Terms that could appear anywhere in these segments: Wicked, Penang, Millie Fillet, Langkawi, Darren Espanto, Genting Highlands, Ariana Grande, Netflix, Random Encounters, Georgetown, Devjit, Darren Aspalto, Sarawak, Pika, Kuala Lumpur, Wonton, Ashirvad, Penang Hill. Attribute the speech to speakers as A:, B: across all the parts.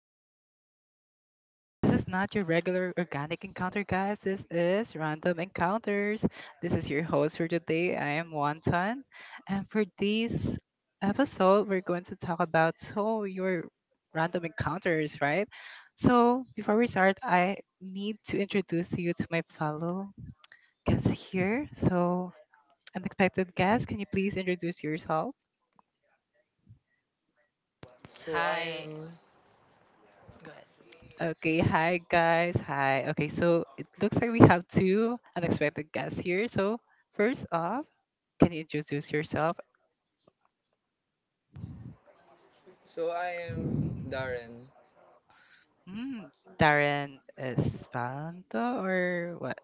A: this. Oops, this is not your regular organic encounter, guys. This is Random Encounters. This is your host for today. I am Wonton. And for this episode, we're going to talk about so your random encounters, right? So before we start, I need to introduce you to my fellow guest here. So, unexpected guest, can you please introduce yourself?
B: So I
C: Hi,
B: am
C: go ahead.
A: Okay, hi guys. Hi. Okay, so it looks like we have two unexpected guests here. So, first off, can you introduce yourself?
B: so I am Darren.
A: Mm, Darren Espanto or what?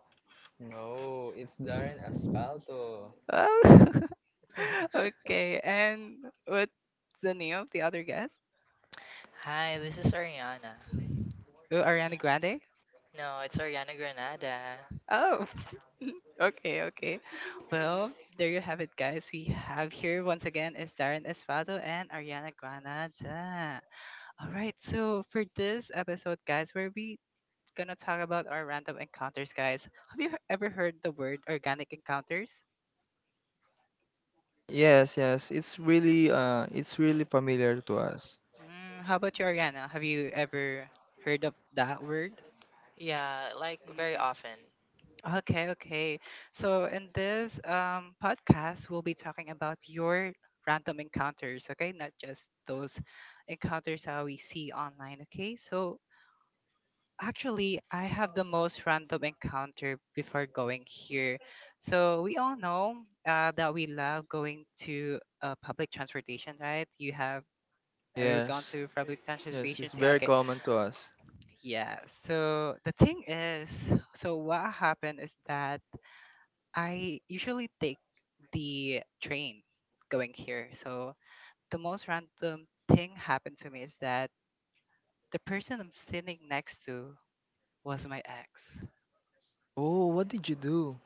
B: No, it's Darren Aspalto.
A: Oh, okay, and what's the name of the other guest?
C: Hi, this is Ariana.
A: Oh, Ariana Grande?
C: No, it's Ariana Granada.
A: Oh, okay, okay. Well, there you have it, guys. We have here once again is Darren Espado and Ariana Granada. All right, so for this episode, guys, where we gonna talk about our random encounters, guys. Have you ever heard the word organic encounters?
B: Yes, yes, it's really familiar to us.
A: How about you, Ariana? Have you ever heard of that word?
C: Yeah, like
A: Mm,
C: very often.
A: okay, okay. So in this podcast, we'll be talking about your random encounters, okay? Not just those encounters that we see online, okay? So actually, I have the most random encounter before going here. So we all know that we love going to public transportation, right? You have you ever gone
B: Yes.
A: to public
B: Yes,
A: transportation?
B: it's
A: Yeah,
B: very
A: okay,
B: common to us.
A: yeah. So the thing is, so what happened is that I usually take the train going here. So the most random thing happened to me is that the person I'm sitting next to was my ex.
B: Oh, what did you do?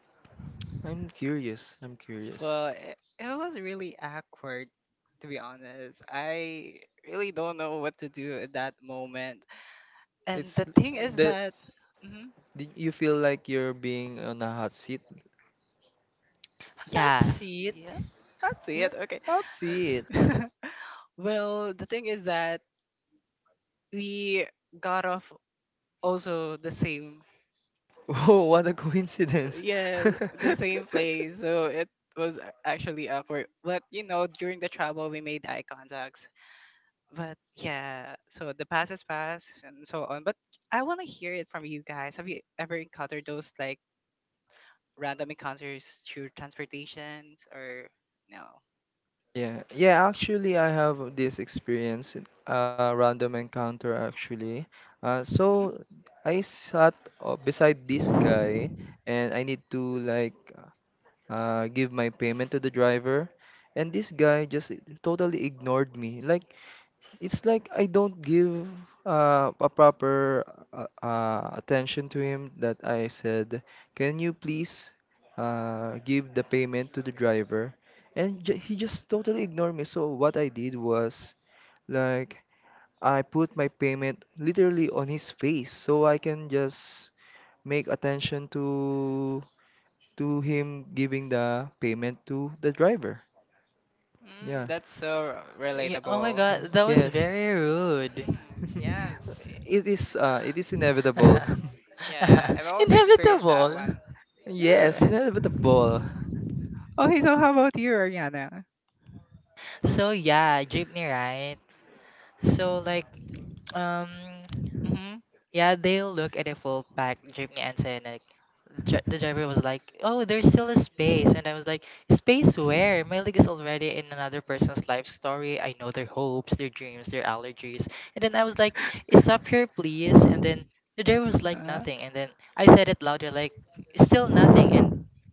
B: I'm curious. I'm curious.
A: Well, it was really awkward, to be honest. I really don't know what to do at that moment. And
B: It's
A: the thing is
B: the
A: that. Mhm.
B: did you feel like you're being on a hot seat?
A: Yeah,
C: That's it.
A: yeah, that's
B: Yeah,
A: it. Okay.
B: hot seat.
A: Well, the thing is that we got off also the same,
B: Oh, what a coincidence.
A: yeah, the same place. So it was actually awkward. But you know, during the travel, we made eye contacts. But yeah, so the past is past and so on. But I want to hear it from you guys. Have you ever encountered those like random encounters through transportations or no?
B: Yeah, yeah, actually, I have this experience, random encounter actually. Uh,
A: hmm
B: so I sat beside this guy and I need to give my payment to the driver, and this guy just totally ignored me. Like it's like I don't give a proper attention to him that I said, "Can you please give the payment to the driver?" And j he just totally ignored me. So what I did was like I put my payment literally on his face so I can just make attention to him giving the payment to the driver.
A: Mm,
B: Yeah.
A: that's so
C: Yeah, oh my
A: relatable.
B: Mm,
C: god, that was
B: yes.
C: very rude.
A: Mm, yes.
B: It is it is inevitable.
A: Yeah, I've also experienced that
C: Inevitable.
A: one.
B: Yes,
A: Yeah.
B: inevitable.
A: Okay, so how about you, Ariana?
C: So yeah, jeepney, right? So like um yeah, they look at the full pack Jimmy and saying like, the driver was like, "Oh, there's still a space," and I was like, "Space where? My leg is already in another person's life story. I know their hopes, their dreams, their allergies." And then I was like, "Stop here, please." And then the driver was like,
A: Mm-hmm.
C: "Nothing." And then I said it louder, like, "Still nothing." And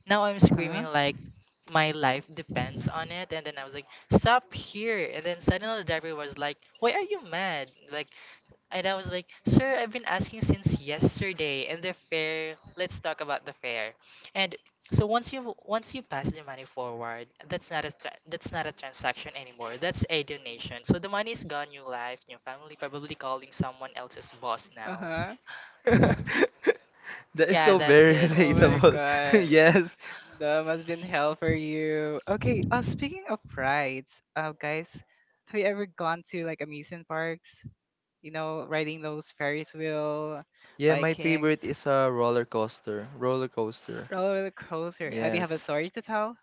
C: now I'm screaming like my life depends on it. And then I was like, "Stop here!" And then suddenly the driver was like, "Why are you mad?" Like, and I was like, Sir, I've been asking since yesterday. And the fare, let's talk about the fare. And so once you pass the money forward, that's not a that's not a transaction anymore. That's a donation. So the money is gone, new life, new family, probably calling someone else's boss
A: Uh
C: now.
A: huh.
B: That is
C: Yeah,
B: so
C: that's
B: very
C: it.
A: Oh my
B: relatable.
A: god.
B: Yes.
A: That must been hell for you. Okay, speaking of rides, guys, have you ever gone to like amusement parks? You know, riding those Ferris wheel
B: Yeah, my
A: Vikings.
B: favorite is a roller coaster. Roller coaster.
A: Roller coaster. Do you have a
B: Yes.
A: story to tell?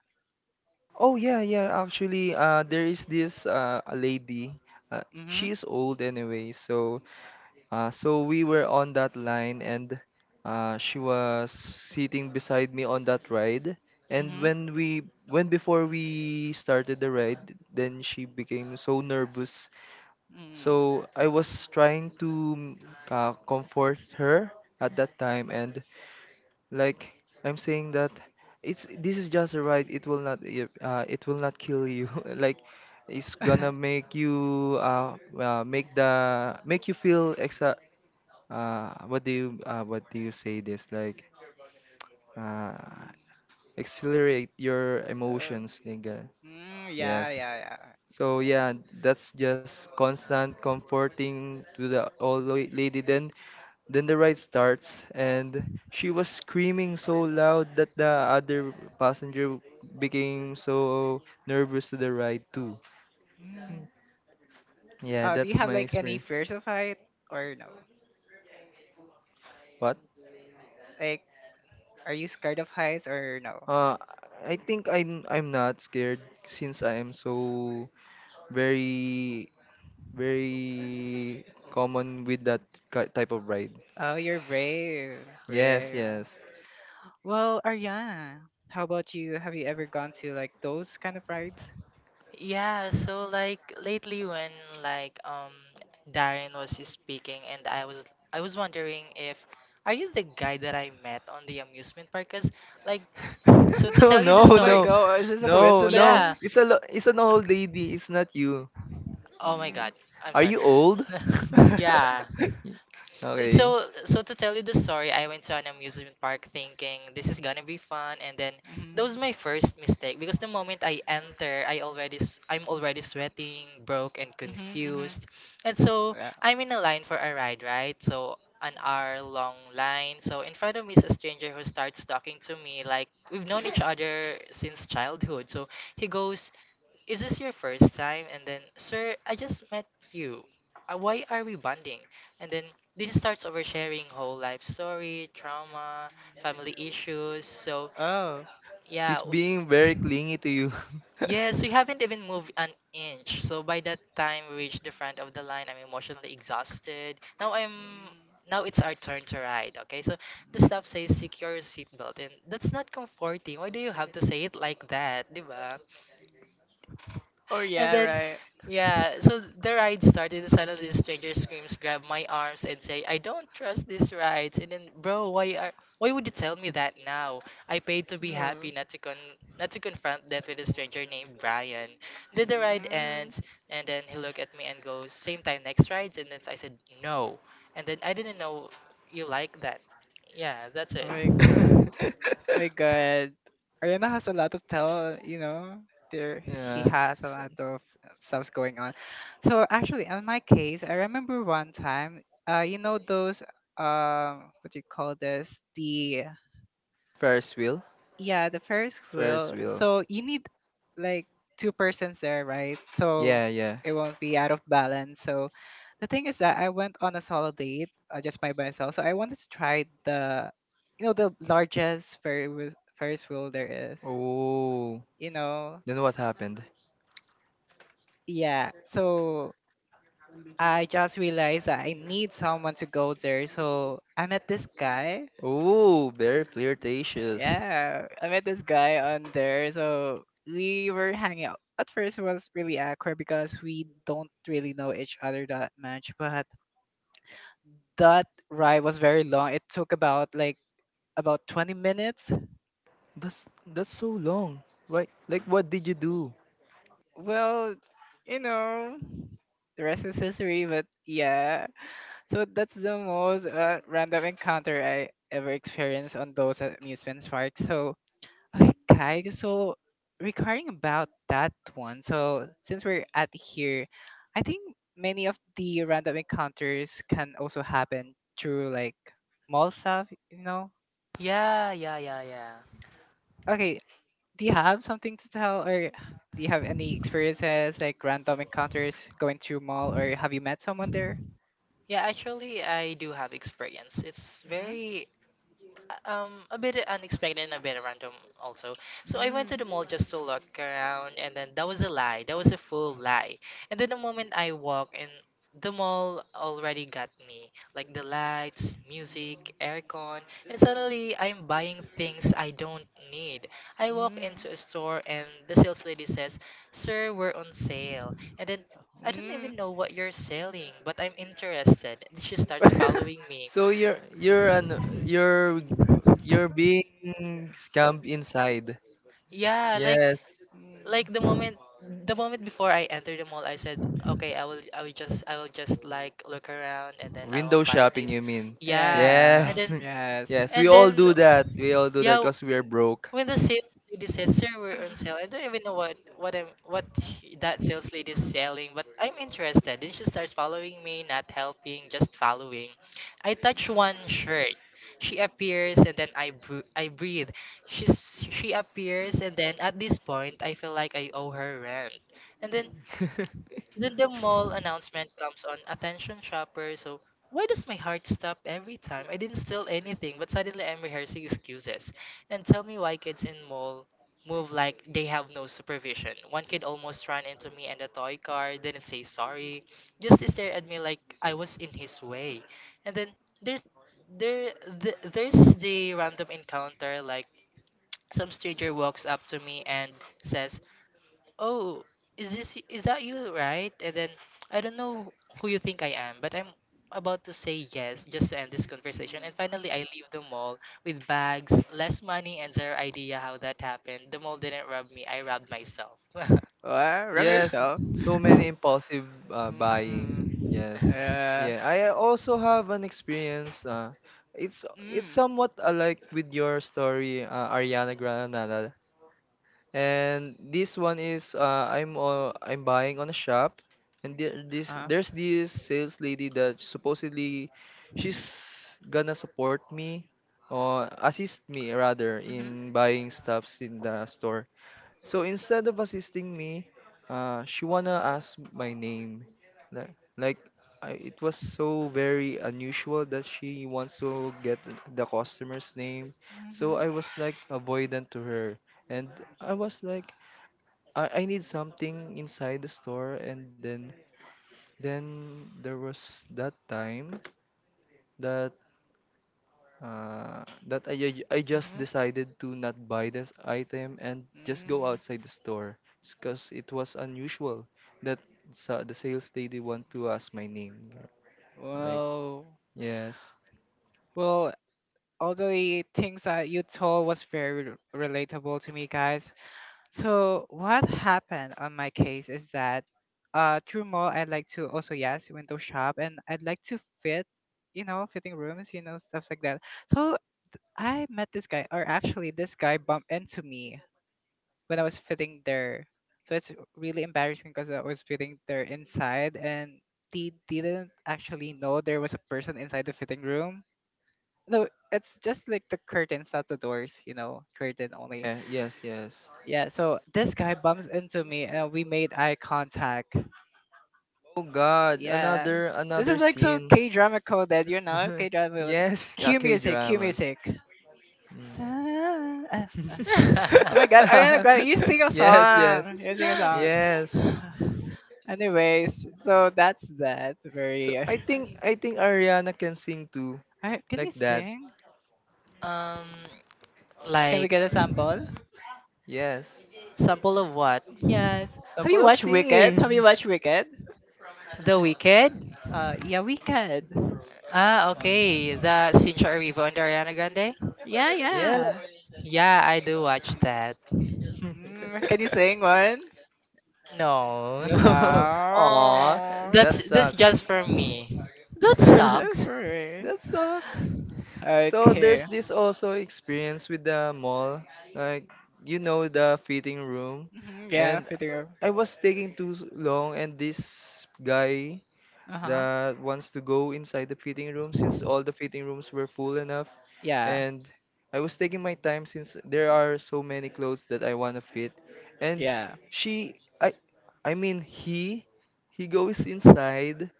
B: Oh yeah, yeah. Actually, there is this a lady.
A: Mm-hmm.
B: She is old anyway, so So we were on that line, and she was sitting beside me on that ride. And
A: Mm-hmm.
B: when we, when before we started the ride, then she became so nervous. So I was trying to comfort her at that time, and like I'm saying that it's this is just a ride. It will not it will not kill you. Like it's gonna make you make the make
A: Mm.
B: you feel exa what do you say this like uh
A: Mm.
B: accelerate your
A: Oh.
B: emotions nigga.
A: Mm, yeah,
B: Yes.
A: yeah, yeah.
B: So yeah, that's just constant comforting to the old lady then the ride starts, and she was screaming so loud that the other passenger became so nervous to the ride too.
A: Mm.
B: Yeah,
A: Do you
B: that's
A: have
B: my
A: like any
B: experience.
A: fears of height or no?
B: What?
A: Like, are you scared of heights or no?
B: Uh, I think I'm not scared since I am so very very common with that type of ride.
A: Oh, you're brave,
B: Yes,
A: brave.
B: yes.
A: Well, Ariana, how about you? Have you ever gone to like those kind of rides?
C: Yeah, so like lately when, like Darren was speaking and I was wondering if are you the guy that I met on the amusement park? Cause like, so to
B: No,
C: tell you
B: no,
C: the
A: Oh my
C: story,
B: no,
A: god, is this a
B: no, no.
C: yeah.
A: coincidence?
B: It's a it's an old lady. It's not you.
C: Oh my
A: Mm.
C: God, I'm
B: Are
C: sorry.
B: you old?
C: Yeah.
B: Okay.
C: So to tell you the story, I went to an amusement park thinking this is gonna be fun, and then that
A: Mhm,
C: was my first mistake because the moment I enter, I'm already sweating, broke, and
A: mhm, mhm.
C: confused, and so
A: Yeah.
C: I'm in a line for a ride, right? So an hour long line. So in front of me is a stranger who starts talking to me like we've known each other since childhood. So he goes, is this your first time? And then, sir, I just met you. Why are we bonding? And then this starts oversharing whole life story, trauma, family issues. So
A: Oh.
C: yeah,
B: He's being very clingy to you.
C: yes, we haven't even moved an inch. So by that time we reached the front of the line, I'm emotionally exhausted.
A: Mm,
C: Now it's our turn to ride. Okay, so the staff
A: mm.
C: says secure your seatbelt, and that's not comforting. Why do you have to say it like that, di ba?
A: Oh
C: And
A: yeah,
C: then,
A: right.
C: yeah, so the ride started, and suddenly the stranger screams, grab my arms, and say, I don't trust these rides. And then, bro, why would you tell me that now? I paid to be
A: Oh,
C: happy, not to confront death with a stranger named Brian. Then the ride
A: mm.
C: ends, and then he looked at me and goes, same time next rides, and then I said no. And then I didn't know you like that. Yeah, that's
A: Oh
C: it.
A: my god. Oh, my god. Ariana has a lot of talent, you know. There he
B: Yeah.
A: has a
B: So,
A: lot of stuffs going on. So actually on my case, I remember one time, you know those what do you call this? The
B: Ferris wheel.
A: Yeah, the Ferris
B: Ferris
A: wheel.
B: wheel.
A: So you need like two persons there, right? So
B: Yeah, yeah.
A: it won't be out of balance. So the thing is that I went on a solo date just by myself. So I wanted to try the, you know, the largest Ferris wheel there is.
B: Oh,
A: You know,
B: then what happened?
A: yeah. So I just realized that I need someone to go there. So I met this guy.
B: Oh, very flirtatious.
A: Yeah, I met this guy on there. So we were hanging out. At first, it was really awkward because we don't really know each other that much. But that ride was very long. It took about 20 minutes.
B: That's that's so long. Like what did you do?
A: Well, you know, the rest is history. But yeah, so that's the most random encounter I ever experienced on those amusement parks. So okay, so regarding about that one, so since we're at here, I think many of the random encounters can also happen through like mall stuff, you know?
C: Yeah, yeah, yeah, yeah.
A: Okay, do you have something to tell or do you have any experiences like random encounters going through mall or have you met someone there?
C: Yeah, actually, I do have experience. It's
A: Mm-hmm.
C: very a bit unexpected and a bit random also. So I went to
A: Mm.
C: the mall just to look around, and then that was a lie. That was a full lie. And then the moment I walk in, the mall already got me. Like the lights, music, aircon, and suddenly I'm buying things I don't need. I walk
A: Mm.
C: into a store and the sales lady says, "Sir, we're on sale." And then
A: Mm.
C: I don't even
A: Mm.
C: know what you're selling, but I'm interested. And she starts following me.
B: So you're an you're you're being scammed inside.
C: Yeah, like,
B: Yes,
C: like the
A: Mm.
C: moment the moment before I entered the mall, I said, okay, I will, I will just like look around and then I
B: window
C: won't buy
B: shopping,
C: things.
B: you mean?
A: Yeah,
C: Yeah,
A: yeah,
C: and
B: Yes.
C: then
A: yes.
B: Yes, we
C: and
B: all
C: then
B: do that. We all do that
C: yeah,
B: because we are broke.
C: when the sales lady says, "Sir, we're on sale," I don't even know what that sales lady is selling, but I'm interested. Then she starts following me, not helping, just following. I touch one shirt. She appears, and then I breathe. She appears, and then at this point I feel like I owe her rent. And then then the mall announcement comes on, attention shopper. So why does my heart stop every time? I didn't steal anything, but suddenly I'm rehearsing excuses. And tell me why kids in mall move like they have no supervision. One kid almost ran into me and the toy car, didn't say sorry, just stared at me like I was in his way. And then there's there there's the random encounter, like some stranger walks up to me and says, oh, is that you, right? And then I don't know who you think I am, but I'm about to say yes just to end this conversation.
A: Mm.
C: And finally I leave the mall with bags, less money, and zero idea how that happened. The mall didn't rob me, I robbed myself.
B: Yes,
A: Well,
B: so many impulsive buying. Yes.
A: yeah.
B: Yeah, I also have an experience. It's somewhat alike with your story, Ariana Grande. And this one is I'm buying on a shop, and there, this
A: Uh.
B: there's this sales lady that supposedly she's gonna support me or assist me rather
A: Mhm.
B: in buying stuffs in the store. So instead of assisting me, she wanna ask my name. Like I, it was so very unusual that she wants to get the customer's name. So
A: Mhm.
B: I was like avoidant to her and I was like, I need something inside the store, and then there was that time that that I I just decided
A: hmm
B: to not buy this item and just go
A: Mm.
B: outside the store, because it was unusual that the sales lady want to ask my name, like
A: Well,
B: yes,
A: well, all the things that you told was very relatable to me, guys. So what happened on my case is that, through mall I'd like to also yes window shop and I'd like to fit, you know, fitting rooms, you know, stuffs like that. So I met this guy, or actually this guy bumped into me when I was fitting there. So it's really embarrassing because I was fitting there inside and they didn't actually know there was a person inside the fitting room. No, it's just like the curtains, not the doors, you know, curtain only.
B: yeah, yes, yes.
A: Yeah, so this guy bumps into me and we made eye contact.
B: Oh God,
A: Yeah.
B: another
A: This
B: another
A: is like so
B: scene.
A: K drama coded, you know? K drama with
B: Yes,
A: Q
B: okay,
A: music, Q
B: drama.
A: music.
B: Mm.
A: Ta- Ah, ah. Oh my god, Ariana Grande, you sing a
B: Yes, yes,
A: song. You sing a song.
B: yes.
A: Anyways, so that's that.
B: So
A: Very.
B: I think Ariana can sing too,
A: Can you
B: like that.
A: sing?
C: um
A: Can we
C: like
A: get a sample?
B: Yes,
C: sample of what?
A: Yes. Have
B: sample
A: you
B: of
A: watched Wicked? Have you
B: singing.
A: watched Wicked?
C: The Wicked?
A: Yeah, Wicked.
C: Ah,
B: Mm,
C: okay. The Sincha Arrivo and Ariana Grande?
A: Yeah,
B: yeah.
A: yeah.
C: Yeah, I do watch that.
A: Mm, can you sing one?
C: No.
B: No. Aw,
A: No.
B: that
C: That's
B: sucks.
C: just for me. That
A: That's
C: sucks.
A: right.
B: That sucks. So there's
A: Okay.
B: this also experience with the mall, like you know the fitting room,
A: Mhm, yeah,
B: and
A: fitting room.
B: I was taking too long, and this guy
A: Uh huh.
B: that wants to go inside the fitting room since all the fitting rooms were full enough
A: Yeah.
B: and I was taking my time since there are so many clothes that I want to fit and
A: Yeah.
B: she I mean he goes inside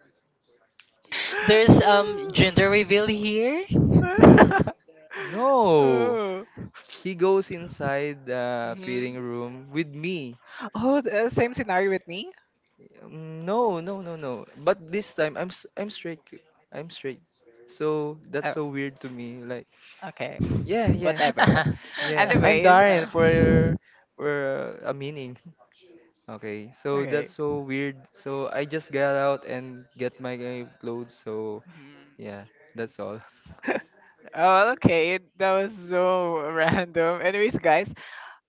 C: There's gender reveal here.
B: no
A: Oh.
B: he goes inside the fitting
A: Mhm.
B: room with me.
A: Oh, the same scenario with me?
B: Mm, no no no no but this time I'm straight. I'm straight, so that's
A: Oh,
B: so weird to me like
A: okay.
B: yeah yeah.
A: Whatever.
B: Yeah, I'm
A: Anyways.
B: Darren for for a meaning. Okay, so
A: Okay.
B: that's so weird. So I just got out and get my clothes. So
A: Mhm.
B: yeah, that's all.
A: Oh, okay. That was so random. Anyways, guys.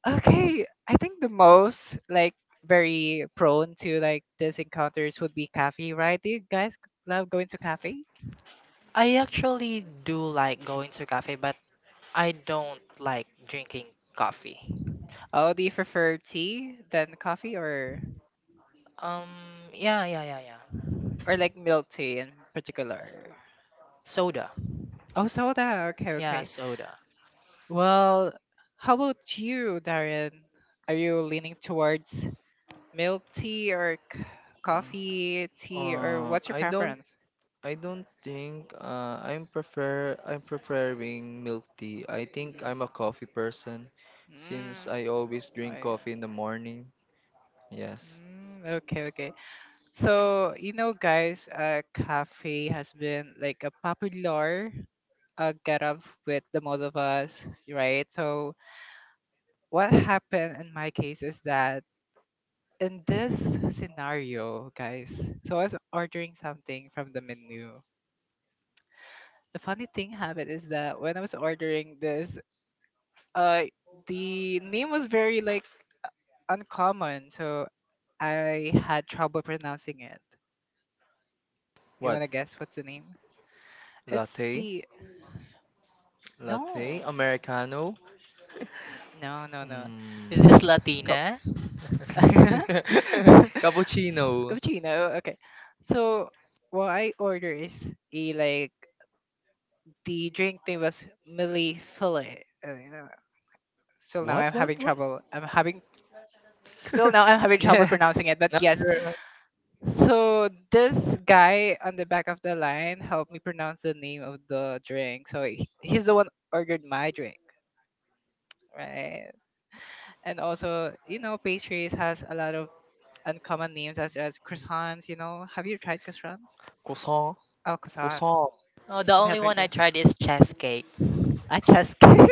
A: Okay, I think the most like very prone to like these encounters would be cafe, right? Do you guys love going to cafe?
C: I actually do like going to cafe, but I don't like drinking coffee.
A: Oh, do you prefer tea than coffee or
C: Um, yeah, yeah, yeah, yeah.
A: like milk tea in particular?
C: Soda.
A: Oh, soda. Okay,
C: Yeah,
A: okay.
C: soda.
A: Well, how about you, Darren? Are you leaning towards milk tea or coffee tea, or
B: Uh,
A: what's your
B: I don't
A: preference?
B: I don't think I'm prefer I'm preferring milk tea. I think I'm a coffee person
A: Mm.
B: since
A: Mm.
B: I always drink
A: Oh,
B: coffee in the morning.
A: yeah.
B: Yes.
A: Mm, okay, okay. So, you know, guys, cafe has been like a popular get up with the most of us, right? So, what happened in my case is that in this scenario, guys, so I was ordering something from the menu. The funny thing happened is that when I was ordering this, uh, the name was very like uncommon, so I had trouble pronouncing it. You
B: What?
A: wanna guess what's the name? It's
B: Latte?
A: the
B: Latte?
A: No,
B: Americano?
A: no, no, no.
C: Is
B: Mm.
C: this Latina?
B: Cappuccino.
A: Cappuccino. Okay. So what I order is a like the drink name was Millie Fillet. You know, still now
B: What?
A: I'm
B: What?
A: having
B: What?
A: trouble. I'm having Still now I'm having trouble
B: Yeah.
A: pronouncing it. But yes.
B: You're-
A: So this guy on the back of the line helped me pronounce the name of the drink. So he's the one ordered my drink, right? And also, you know, pastries has a lot of uncommon names as croissants. You know, have you tried croissants?
B: Croissant.
A: Oh, croissant.
B: Croissant.
C: Oh, the
A: Of
C: only
A: helper
C: one I
A: too.
C: tried is chess cake.
A: Ah,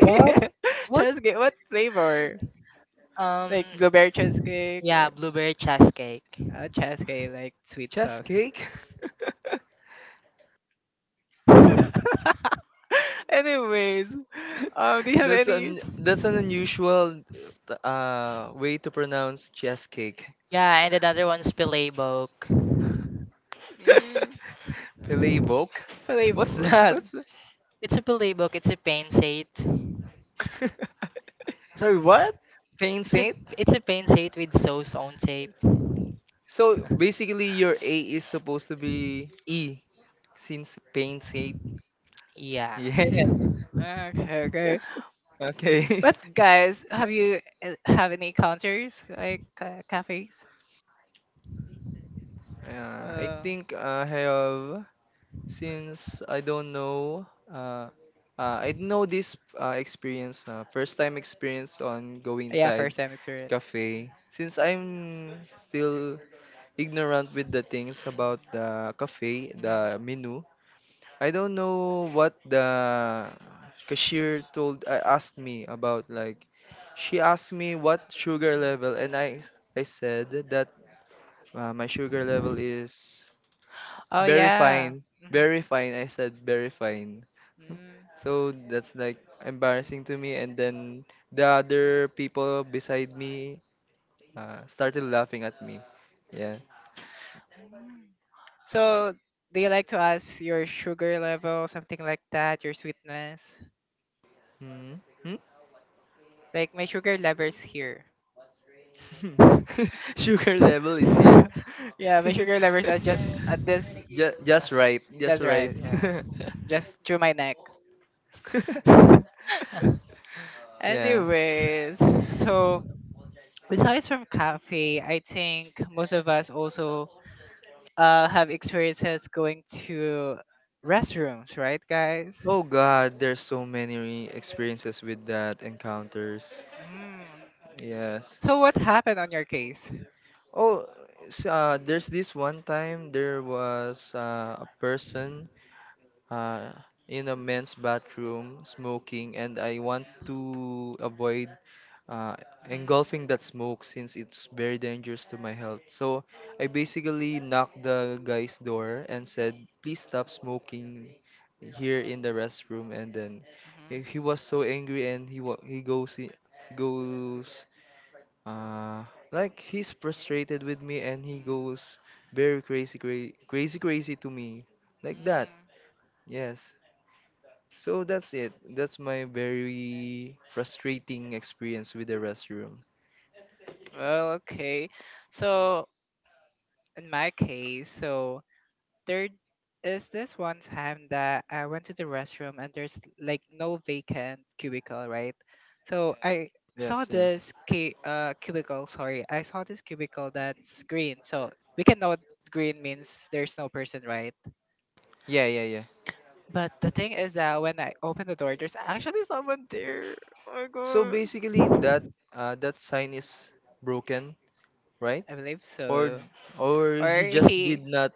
B: What? What?
A: Cheesecake. What flavor?
C: Um,
A: Like blueberry cheesecake
C: yeah,
A: or
C: blueberry cheesecake.
A: cheesecake, like sweet
B: Chess
A: sauce.
B: cake?
A: Anyways, do you have
B: That's
A: any
B: an unusual way to pronounce chess cake.
C: Yeah, and another one's Pilebok.
A: mm,
B: Filet boke?
A: flavor?
B: What's that?
A: What's the?
C: It's a Pilebok. It's a pain sate.
A: Sorry, what?
B: Pain
C: It's a
B: saint?
C: it's a pain sate with sauce on tape.
B: So basically your A is supposed to be E since pain saint.
C: Yeah.
B: Yeah.
A: Ah, okay, okay.
B: Okay.
A: But guys, have any encounters like cafes?
B: I
A: Uh,
B: think I have. Since I don't know, uh, I know this experience, first time experience on going
A: Yeah,
B: inside
A: first time experience.
B: cafe. Since I'm still ignorant with the things about the cafe,
A: Mhm.
B: the menu, I don't know what the cashier told. I asked me about like, she asked me what sugar level, and I said that my sugar level is
A: Oh
B: very
A: yeah.
B: fine,
A: Mhm.
B: very fine. I said very fine. So that's like embarrassing to me. And then the other people beside me started laughing at me. Yeah.
A: Mm. So they like to ask your sugar level, something like that, your sweetness.
B: Hmm? Hmm?
A: Like my sugar level's here.
B: Sugar level is here.
A: Yeah, my sugar levels are just at this,
B: Just
A: just
B: right. Just right.
A: right. Yeah, just through my neck.
B: Yeah.
A: Anyways, so besides from cafe, I think most of us also have experiences going to restrooms, right, guys?
B: Oh God, there's so many experiences with that encounters.
A: Mm.
B: Yes.
A: So what happened on your case?
B: Oh, there's this one time there was a person uh, in a men's bathroom smoking, and I want to avoid uh,
A: Mhm.
B: engulfing that smoke since it's very dangerous to my health. So I basically knocked the guy's door and said, "Please stop smoking here in the restroom." And then he
A: Mhm.
B: was so angry, and he he goes I- goes uh like he's frustrated with me, and he goes very crazy crazy crazy to me like that.
A: Mm.
B: Yes. So that's it. That's my very frustrating experience with the restroom.
A: Well, okay. So in my case, so there is this one time that I went to the restroom and there's like no vacant cubicle, right? So I saw
B: Yes, yes.
A: this cubicle, sorry. I saw this cubicle that's green. So we can know green means there's no person, right?
B: Yeah, yeah, yeah.
A: But the thing is that when I open the door, there's actually someone there. Oh my
B: So basically, that
A: god.
B: that sign is broken, right?
A: I believe
B: Or
A: so.
B: or
A: Or
B: he just did
A: he
B: not.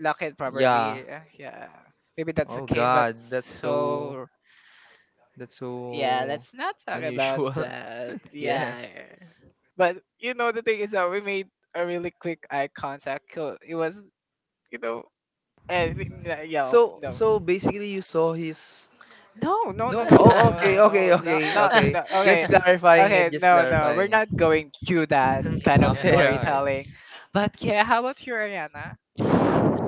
A: lock it
B: Yeah.
A: properly. Yeah. Maybe that's the
B: Oh
A: case, but
B: God,
A: so
B: that's
A: yeah,
B: so
A: let's not talk about
B: unusual.
A: that.
B: Yeah.
A: Yeah. But you know the thing is that we made a really quick eye contact. So it was, you know, and yeah,
B: So
A: no.
B: so basically, you saw his
A: No, no, no,
B: no.
A: no,
B: Oh
A: no,
B: okay
A: no, no,
B: okay
A: no,
B: okay
A: not, not,
B: okay.
A: no.
B: Just
A: Okay,
B: clarifying it.
A: okay,
B: Just
A: no, no, we're
B: clarifying it.
A: not going through that kind of
B: Okay okay.
A: storytelling. But yeah, how about you, Ariana?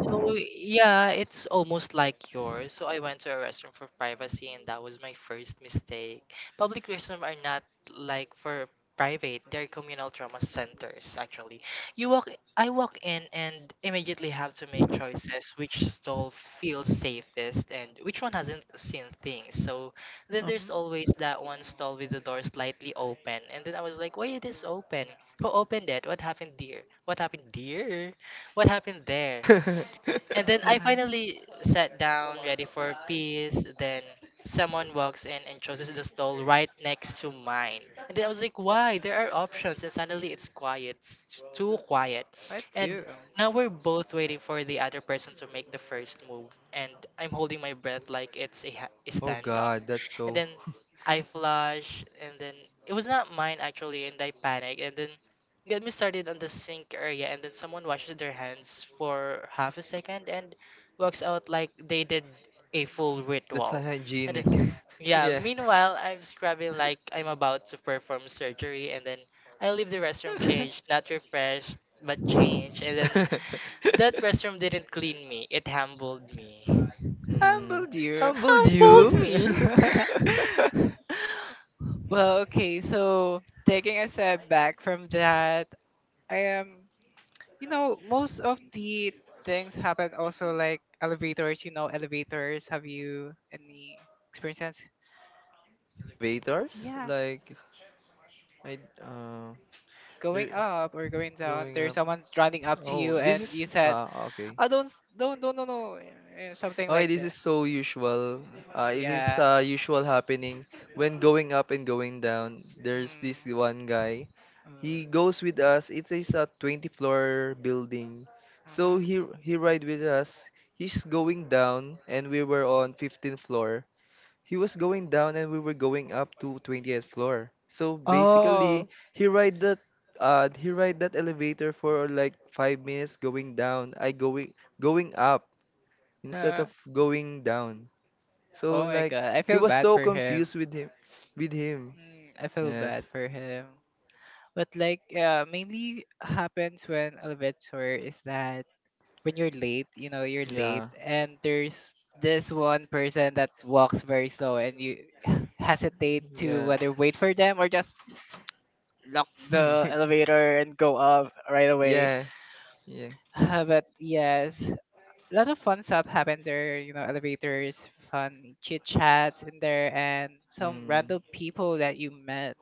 C: So yeah, it's almost like yours. So I went to a restroom for privacy, and that was my first mistake. Public restrooms are not like for private; they're communal trauma centers. Actually, you walk, I walk in, and immediately have to make choices, which stall feels safest and which one hasn't seen things. So then there's
A: hmm
C: always that one stall with the door slightly open, and then I was like, "Why it is open? Who opened it? What happened there? What happened there? What happened there?" And then I
A: Uh-huh.
C: finally sat down, ready for peace. Then someone walks in and chooses the stall right next to mine. And then I was like, why? There are options. And suddenly it's quiet, it's too quiet.
A: What
C: And
A: do.
C: now we're both waiting for the other person to make the first move. And I'm holding my breath like it's a, a
B: Oh
C: standoff.
B: God, that's
C: And
B: so
C: then I flush, and then it was not mine actually. And I panic. And then get me started on the sink area, and then someone washes their hands for half a second and walks out like they
A: Mhm.
C: did a full
B: that's
C: ritual. And
B: unhygienic.
C: then, yeah,
B: Yeah.
C: meanwhile, I'm scrubbing like I'm about to perform surgery, and then I leave the restroom changed, not refreshed, but changed. And then that restroom didn't clean me, it humbled me.
A: Humble
B: Mm.
A: dear.
B: Humbled
C: Humbled
B: you.
C: me!
A: Well, okay, so taking a step back from that, I am, you know, most of the things happen also like elevators, you know, elevators. Have you any experiences?
B: Waiters,
A: Yeah.
B: like I they're
A: Going up or going down,
B: going
A: there's
B: up.
A: someone running up to
B: Oh,
A: you,
B: this
A: and you
B: is
A: said,
B: ah okay.
A: "Oh, don't, s- don't, no, no," something
B: Okay,
A: like
B: this
A: that.
B: is so usual. It is
A: Yeah.
B: usual happening when going up and going down. There's this one guy. He
A: Mm.
B: goes with us. It is a 20- floor building. So
A: Mhm.
B: he ride with us. He's going down and we were on 15th floor. He was going down and we were going up to 20th floor. So
A: Oh.
B: basically, he ride that he ride that elevator for like 5 minutes going down. I going going up instead
A: Uh,
B: of going down. So
A: oh my
B: like
A: god. I
B: he
A: feel
B: was
A: bad
B: so
A: for him.
B: confused with him.
A: Mm, I feel bad
B: Yes.
A: for him. But like mainly happens when Alvetor is that when you're late, you know, you're late
B: Yeah.
A: and there's this one person that walks very slow and you hesitate to
B: Yeah.
A: whether wait for them or just lock the elevator and go up right away.
B: Yeah. Yeah.
A: But yes, a lot of fun stuff happens there. You know, elevators, fun chit chats in there, and some
B: Mm.
A: random people that you met.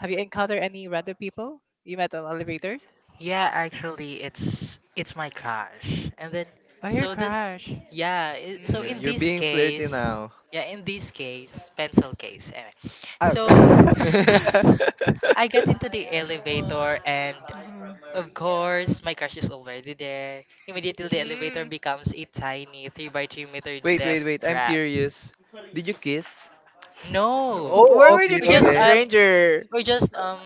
A: Have you encountered any random people you met on elevators?
C: Yeah, actually, it's my crush. And then,
A: Oh, your
C: so this,
A: crush.
C: yeah. So
A: Mm.
C: in
B: You're
C: this
B: being flirty
C: case,
B: now.
C: yeah, in this case, pencil case. Anyway,
A: Oh.
C: so
B: Wait,
C: I get into the elevator, and of course, my crush is already there. Immediately, the elevator
A: Mhm. Mm.
C: becomes a tiny 3 by 3 meter
B: wait,
C: death
B: wait. I'm
C: trap.
B: curious. Did you kiss?
C: No,
A: Where
B: Oh,
A: would you
B: okay,
C: we
A: kiss
C: just
A: a
B: okay.
C: um,
A: stranger?
C: we just um,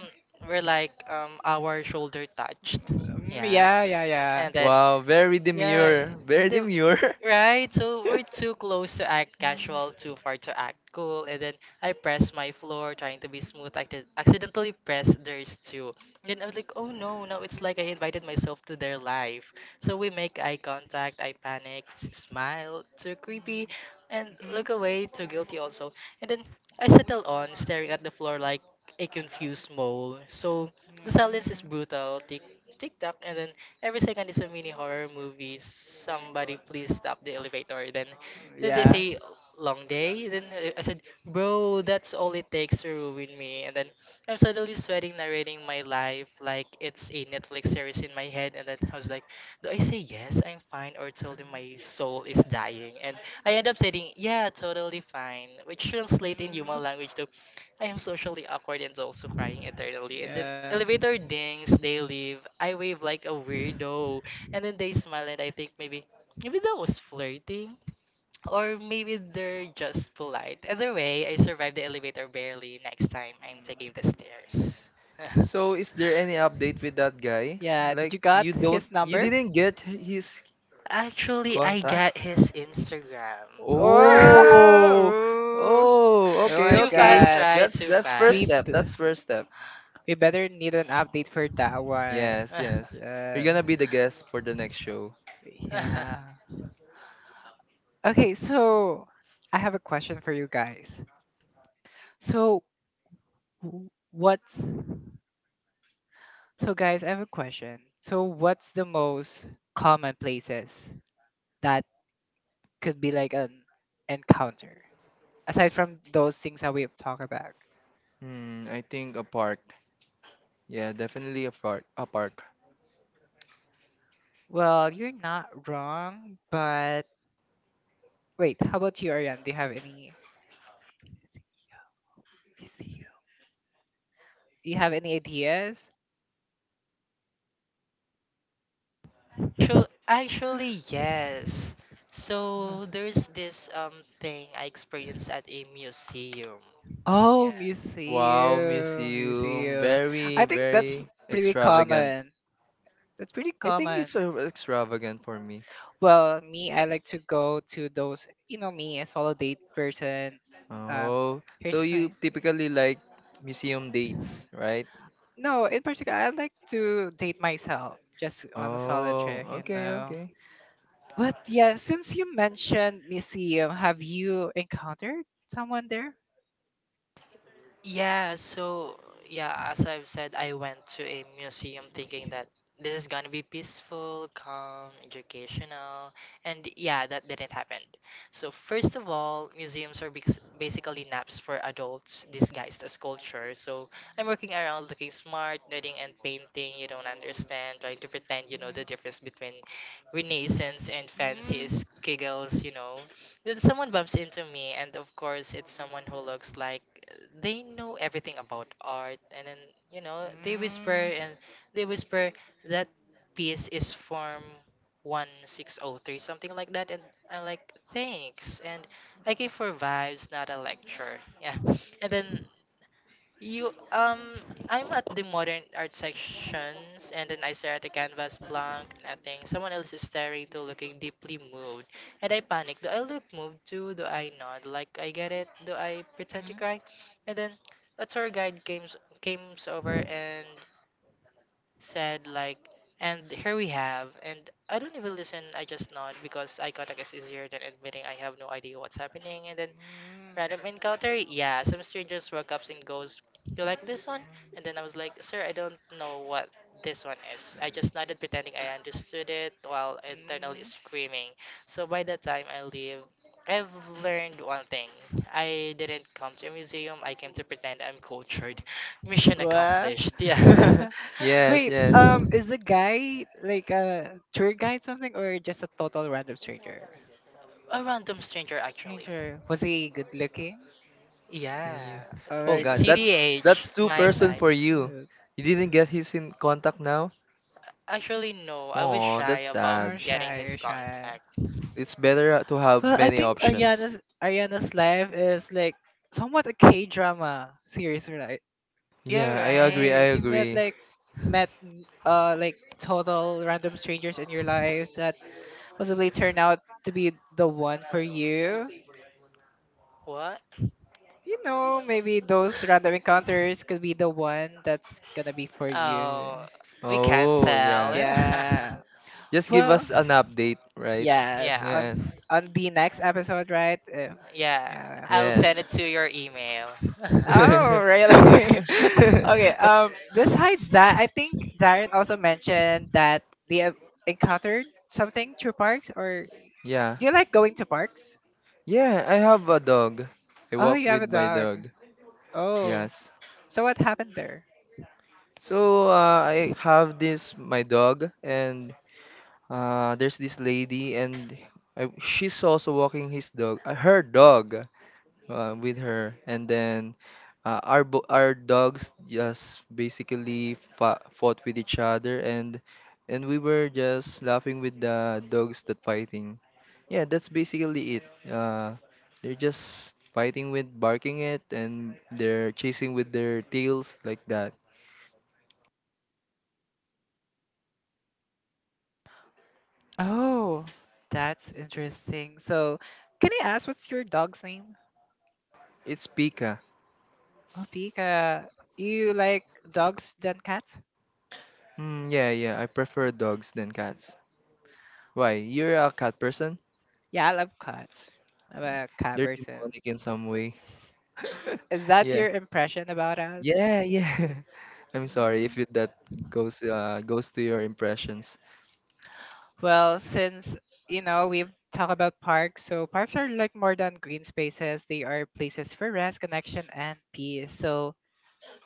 C: we're like our shoulder touched.
A: Mm,
C: Yeah,
A: yeah, yeah, yeah.
C: and then.
B: Wow, very
C: Yeah,
B: demure. Very
C: the
B: demure.
C: right. So we're
A: Mm.
C: too close to act casual, too far to act cool, and then I press my floor trying to be smooth. I did accidentally press theirs too. And then I was like, oh no! Now it's like I invited myself to their life. So we make eye contact. I panic, smile, too creepy, and
A: Mhm.
C: look away, too guilty also. And then I settle on staring at the floor like a confused mole. So the silence is
A: Mm.
C: brutal. Tick, tick tock, and then every second is a mini horror movie. Somebody please stop the elevator. Then they
A: Yeah.
C: say, long day. Then I said, bro, that's all it takes to ruin me. And then I'm suddenly sweating, narrating my life like it's a Netflix series in my head. And then I was like, do I say yes, I'm fine, or tell them my soul is dying? And I end up saying, yeah, totally fine, which translates in human
A: Mm.
C: language to, I am socially awkward and also crying eternally. And then
A: Yeah.
C: elevator dings, they leave. I wave like a weirdo. And then they smile and I think maybe, that was flirting. Or maybe they're just polite. Either way, I survived the elevator, barely. Next time, I'm taking the
A: Mm.
C: stairs.
B: So is there any update with that guy?
A: Yeah, did you got his
B: You
A: number?
B: didn't get his
C: Actually, I
B: contact?
C: got his Instagram.
A: Oh,
B: Oh.
A: oh, ooh.
B: Oh,
A: Oh
B: okay,
A: my
C: Too
B: okay.
C: fast,
A: god.
C: right? Too
B: That's first
A: We b-
C: fast.
B: step. That's first step.
A: we better need an update for that one.
B: Yes, yes. You're
A: Yeah.
B: gonna be the guest for the next show.
A: Show.
C: Actu-
A: Yeah. Okay, so I have a question for you guys. So w- what's I have a question. So what's the most common places that could be like an encounter, aside from those things that we've talked about?
B: Hmm, I think a park. Yeah, definitely a park. A park.
A: Well, you're not wrong, but wait, how about you, Ariane? Do you have any ideas?
C: Actually, yes.
A: uh
C: So there's this thing I experienced at a museum.
A: Oh,
C: Yeah.
B: Wow,
A: museum,
B: museum.
A: museum.
B: Very,
A: I think that's
B: very
A: pretty
B: extravagant.
A: common. That's pretty
B: I think
A: common.
B: it's extravagant for me.
A: Well, me, I like to go to those, you know, me, a solo date person. Um,
B: Oh, so
A: here's
B: you
A: my
B: typically like museum dates, right?
A: no, in particular, I like to date myself just on a solo
B: Oh,
A: trip, you
B: okay,
A: know.
B: okay.
A: But yeah, since you mentioned museum, have you encountered someone there?
C: Yeah, so yeah, as I've said, I went to a museum thinking that this is gonna be peaceful, calm, educational, and yeah, that didn't happen. So first of all, museums are basically naps for adults disguised as culture. So I'm working around looking smart, knitting and painting you don't understand, trying to pretend you know the difference between Renaissance and
A: Mhm. Mm.
C: fancies, giggles, you know. Then someone bumps into me, and of course, it's someone who looks like they know everything about art. And then, you know, they whisper that piece is form 1603, something like that. And I'm like, thanks. And I came for vibes, not a lecture. Yeah. And then you I'm at the modern art sections, and then I stare at the canvas blank, nothing. Someone else is staring too, looking deeply moved. And I panic. Do I look moved too? Do I nod? Like I get it? Do I pretend to
A: Mm.
C: cry? And then a tour guide came over and said like, and here we have, and I don't even listen, I just nod because eye contact is easier than admitting I have no idea what's happening. And then
A: Mhm.
C: random encounter? Yeah, some strangers walk up and goes, "You like this one?" And then I was like, "Sir, I don't know what this one is." I just nodded, pretending I understood it while
A: Mm.
C: internally
A: Mm.
C: screaming. So by the time I leave, I've learned one thing. I didn't come to a museum. I came to pretend I'm cultured. Mission
A: What?
C: accomplished. Yeah.
B: Yes,
A: Wait,
B: yes.
A: is the guy like a tour guide something or just a total random stranger?
C: A random stranger, actually.
A: Stranger. Was he good looking?
C: Yeah.
B: Yeah.
A: Oh
B: Oh
A: my
C: It's
B: God,
A: god.
C: CDH,
B: that's two
C: my
B: person
C: type.
B: for you.
A: Uh,
B: You didn't get his in contact now?
C: Actually, no. I was
B: Oh,
C: shy
B: that's
C: about
A: I'm
B: sad.
C: getting
A: shy, you're
C: his
A: shy.
C: contact.
B: It's better to have
A: Well, I
B: many
A: think
B: options.
A: Ariana's life is like somewhat a K drama series, right?
C: You're
B: Yeah, I agree,
C: right.
A: Right.
B: I
A: You met
B: agree.
A: like like total random strangers in your life that possibly turn out to be the one for you.
C: What?
A: You know, maybe those random encounters could be the one that's gonna be for you.
C: Oh, we can't
B: Oh,
C: tell.
B: yeah.
A: Yeah.
B: Just give
A: Well,
B: us an update, right?
A: yes.
C: Yeah.
A: On
B: Yes.
A: on the next episode, right?
C: Yeah.
A: Yeah.
C: I'll
A: th-
C: send
B: Yes.
C: it to your email. Yeah,
A: Oh, really? Okay. Um, besides that, I think Darren also mentioned that they have encountered something through parks. Or
B: Yeah.
A: do you like going to parks?
B: Yeah, I have a dog. I
A: Oh,
B: walk
A: you have
B: with
A: a
B: my
A: dog.
B: dog.
A: Oh.
B: Yes.
A: So what happened there?
B: So I have this my dog, and there's this lady, and she's also walking his dog, her dog, with her and then our our dogs just basically fought with each other and we were just laughing with the dogs that fighting yeah that's basically it, uh, they're just fighting with barking it and they're chasing with their tails like that.
A: Oh, that's interesting. So, can I ask what's your dog's name?
B: It's Pika.
A: Oh, Pika. You like dogs than cats?
B: Mm, yeah yeah, I prefer dogs than cats. Why, you're a cat person?
A: Yeah, I love cats. I'm a cat
B: They're
A: person.
B: demonic in some way.
A: Is that
B: Yeah.
A: your impression about us?
B: Yeah, yeah. I'm sorry if
A: Mm.
B: that goes to your impressions.
A: Well, since you know we've talked about parks, so parks are like more than green spaces. They are places for rest, connection, and peace. So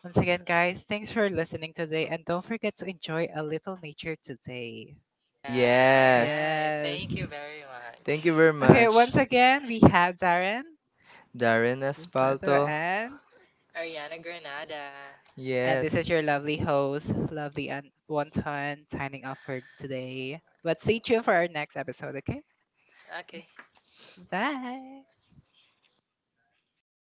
A: once again, guys, thanks for listening today, and don't forget to enjoy a little nature today.
B: Yes.
C: alright.
A: Yes.
C: Thank you very much.
B: Thank you very
A: Okay,
B: much,
A: once again, we have Darren,
B: Darren
A: Beto,
B: Aspalto.
C: Ariana Granada.
A: and this
B: Yes.
A: is your lovely host, lovely and Wonton, signing off for today. But stay tuned for our next episode, okay?
C: Okay.
A: Bye.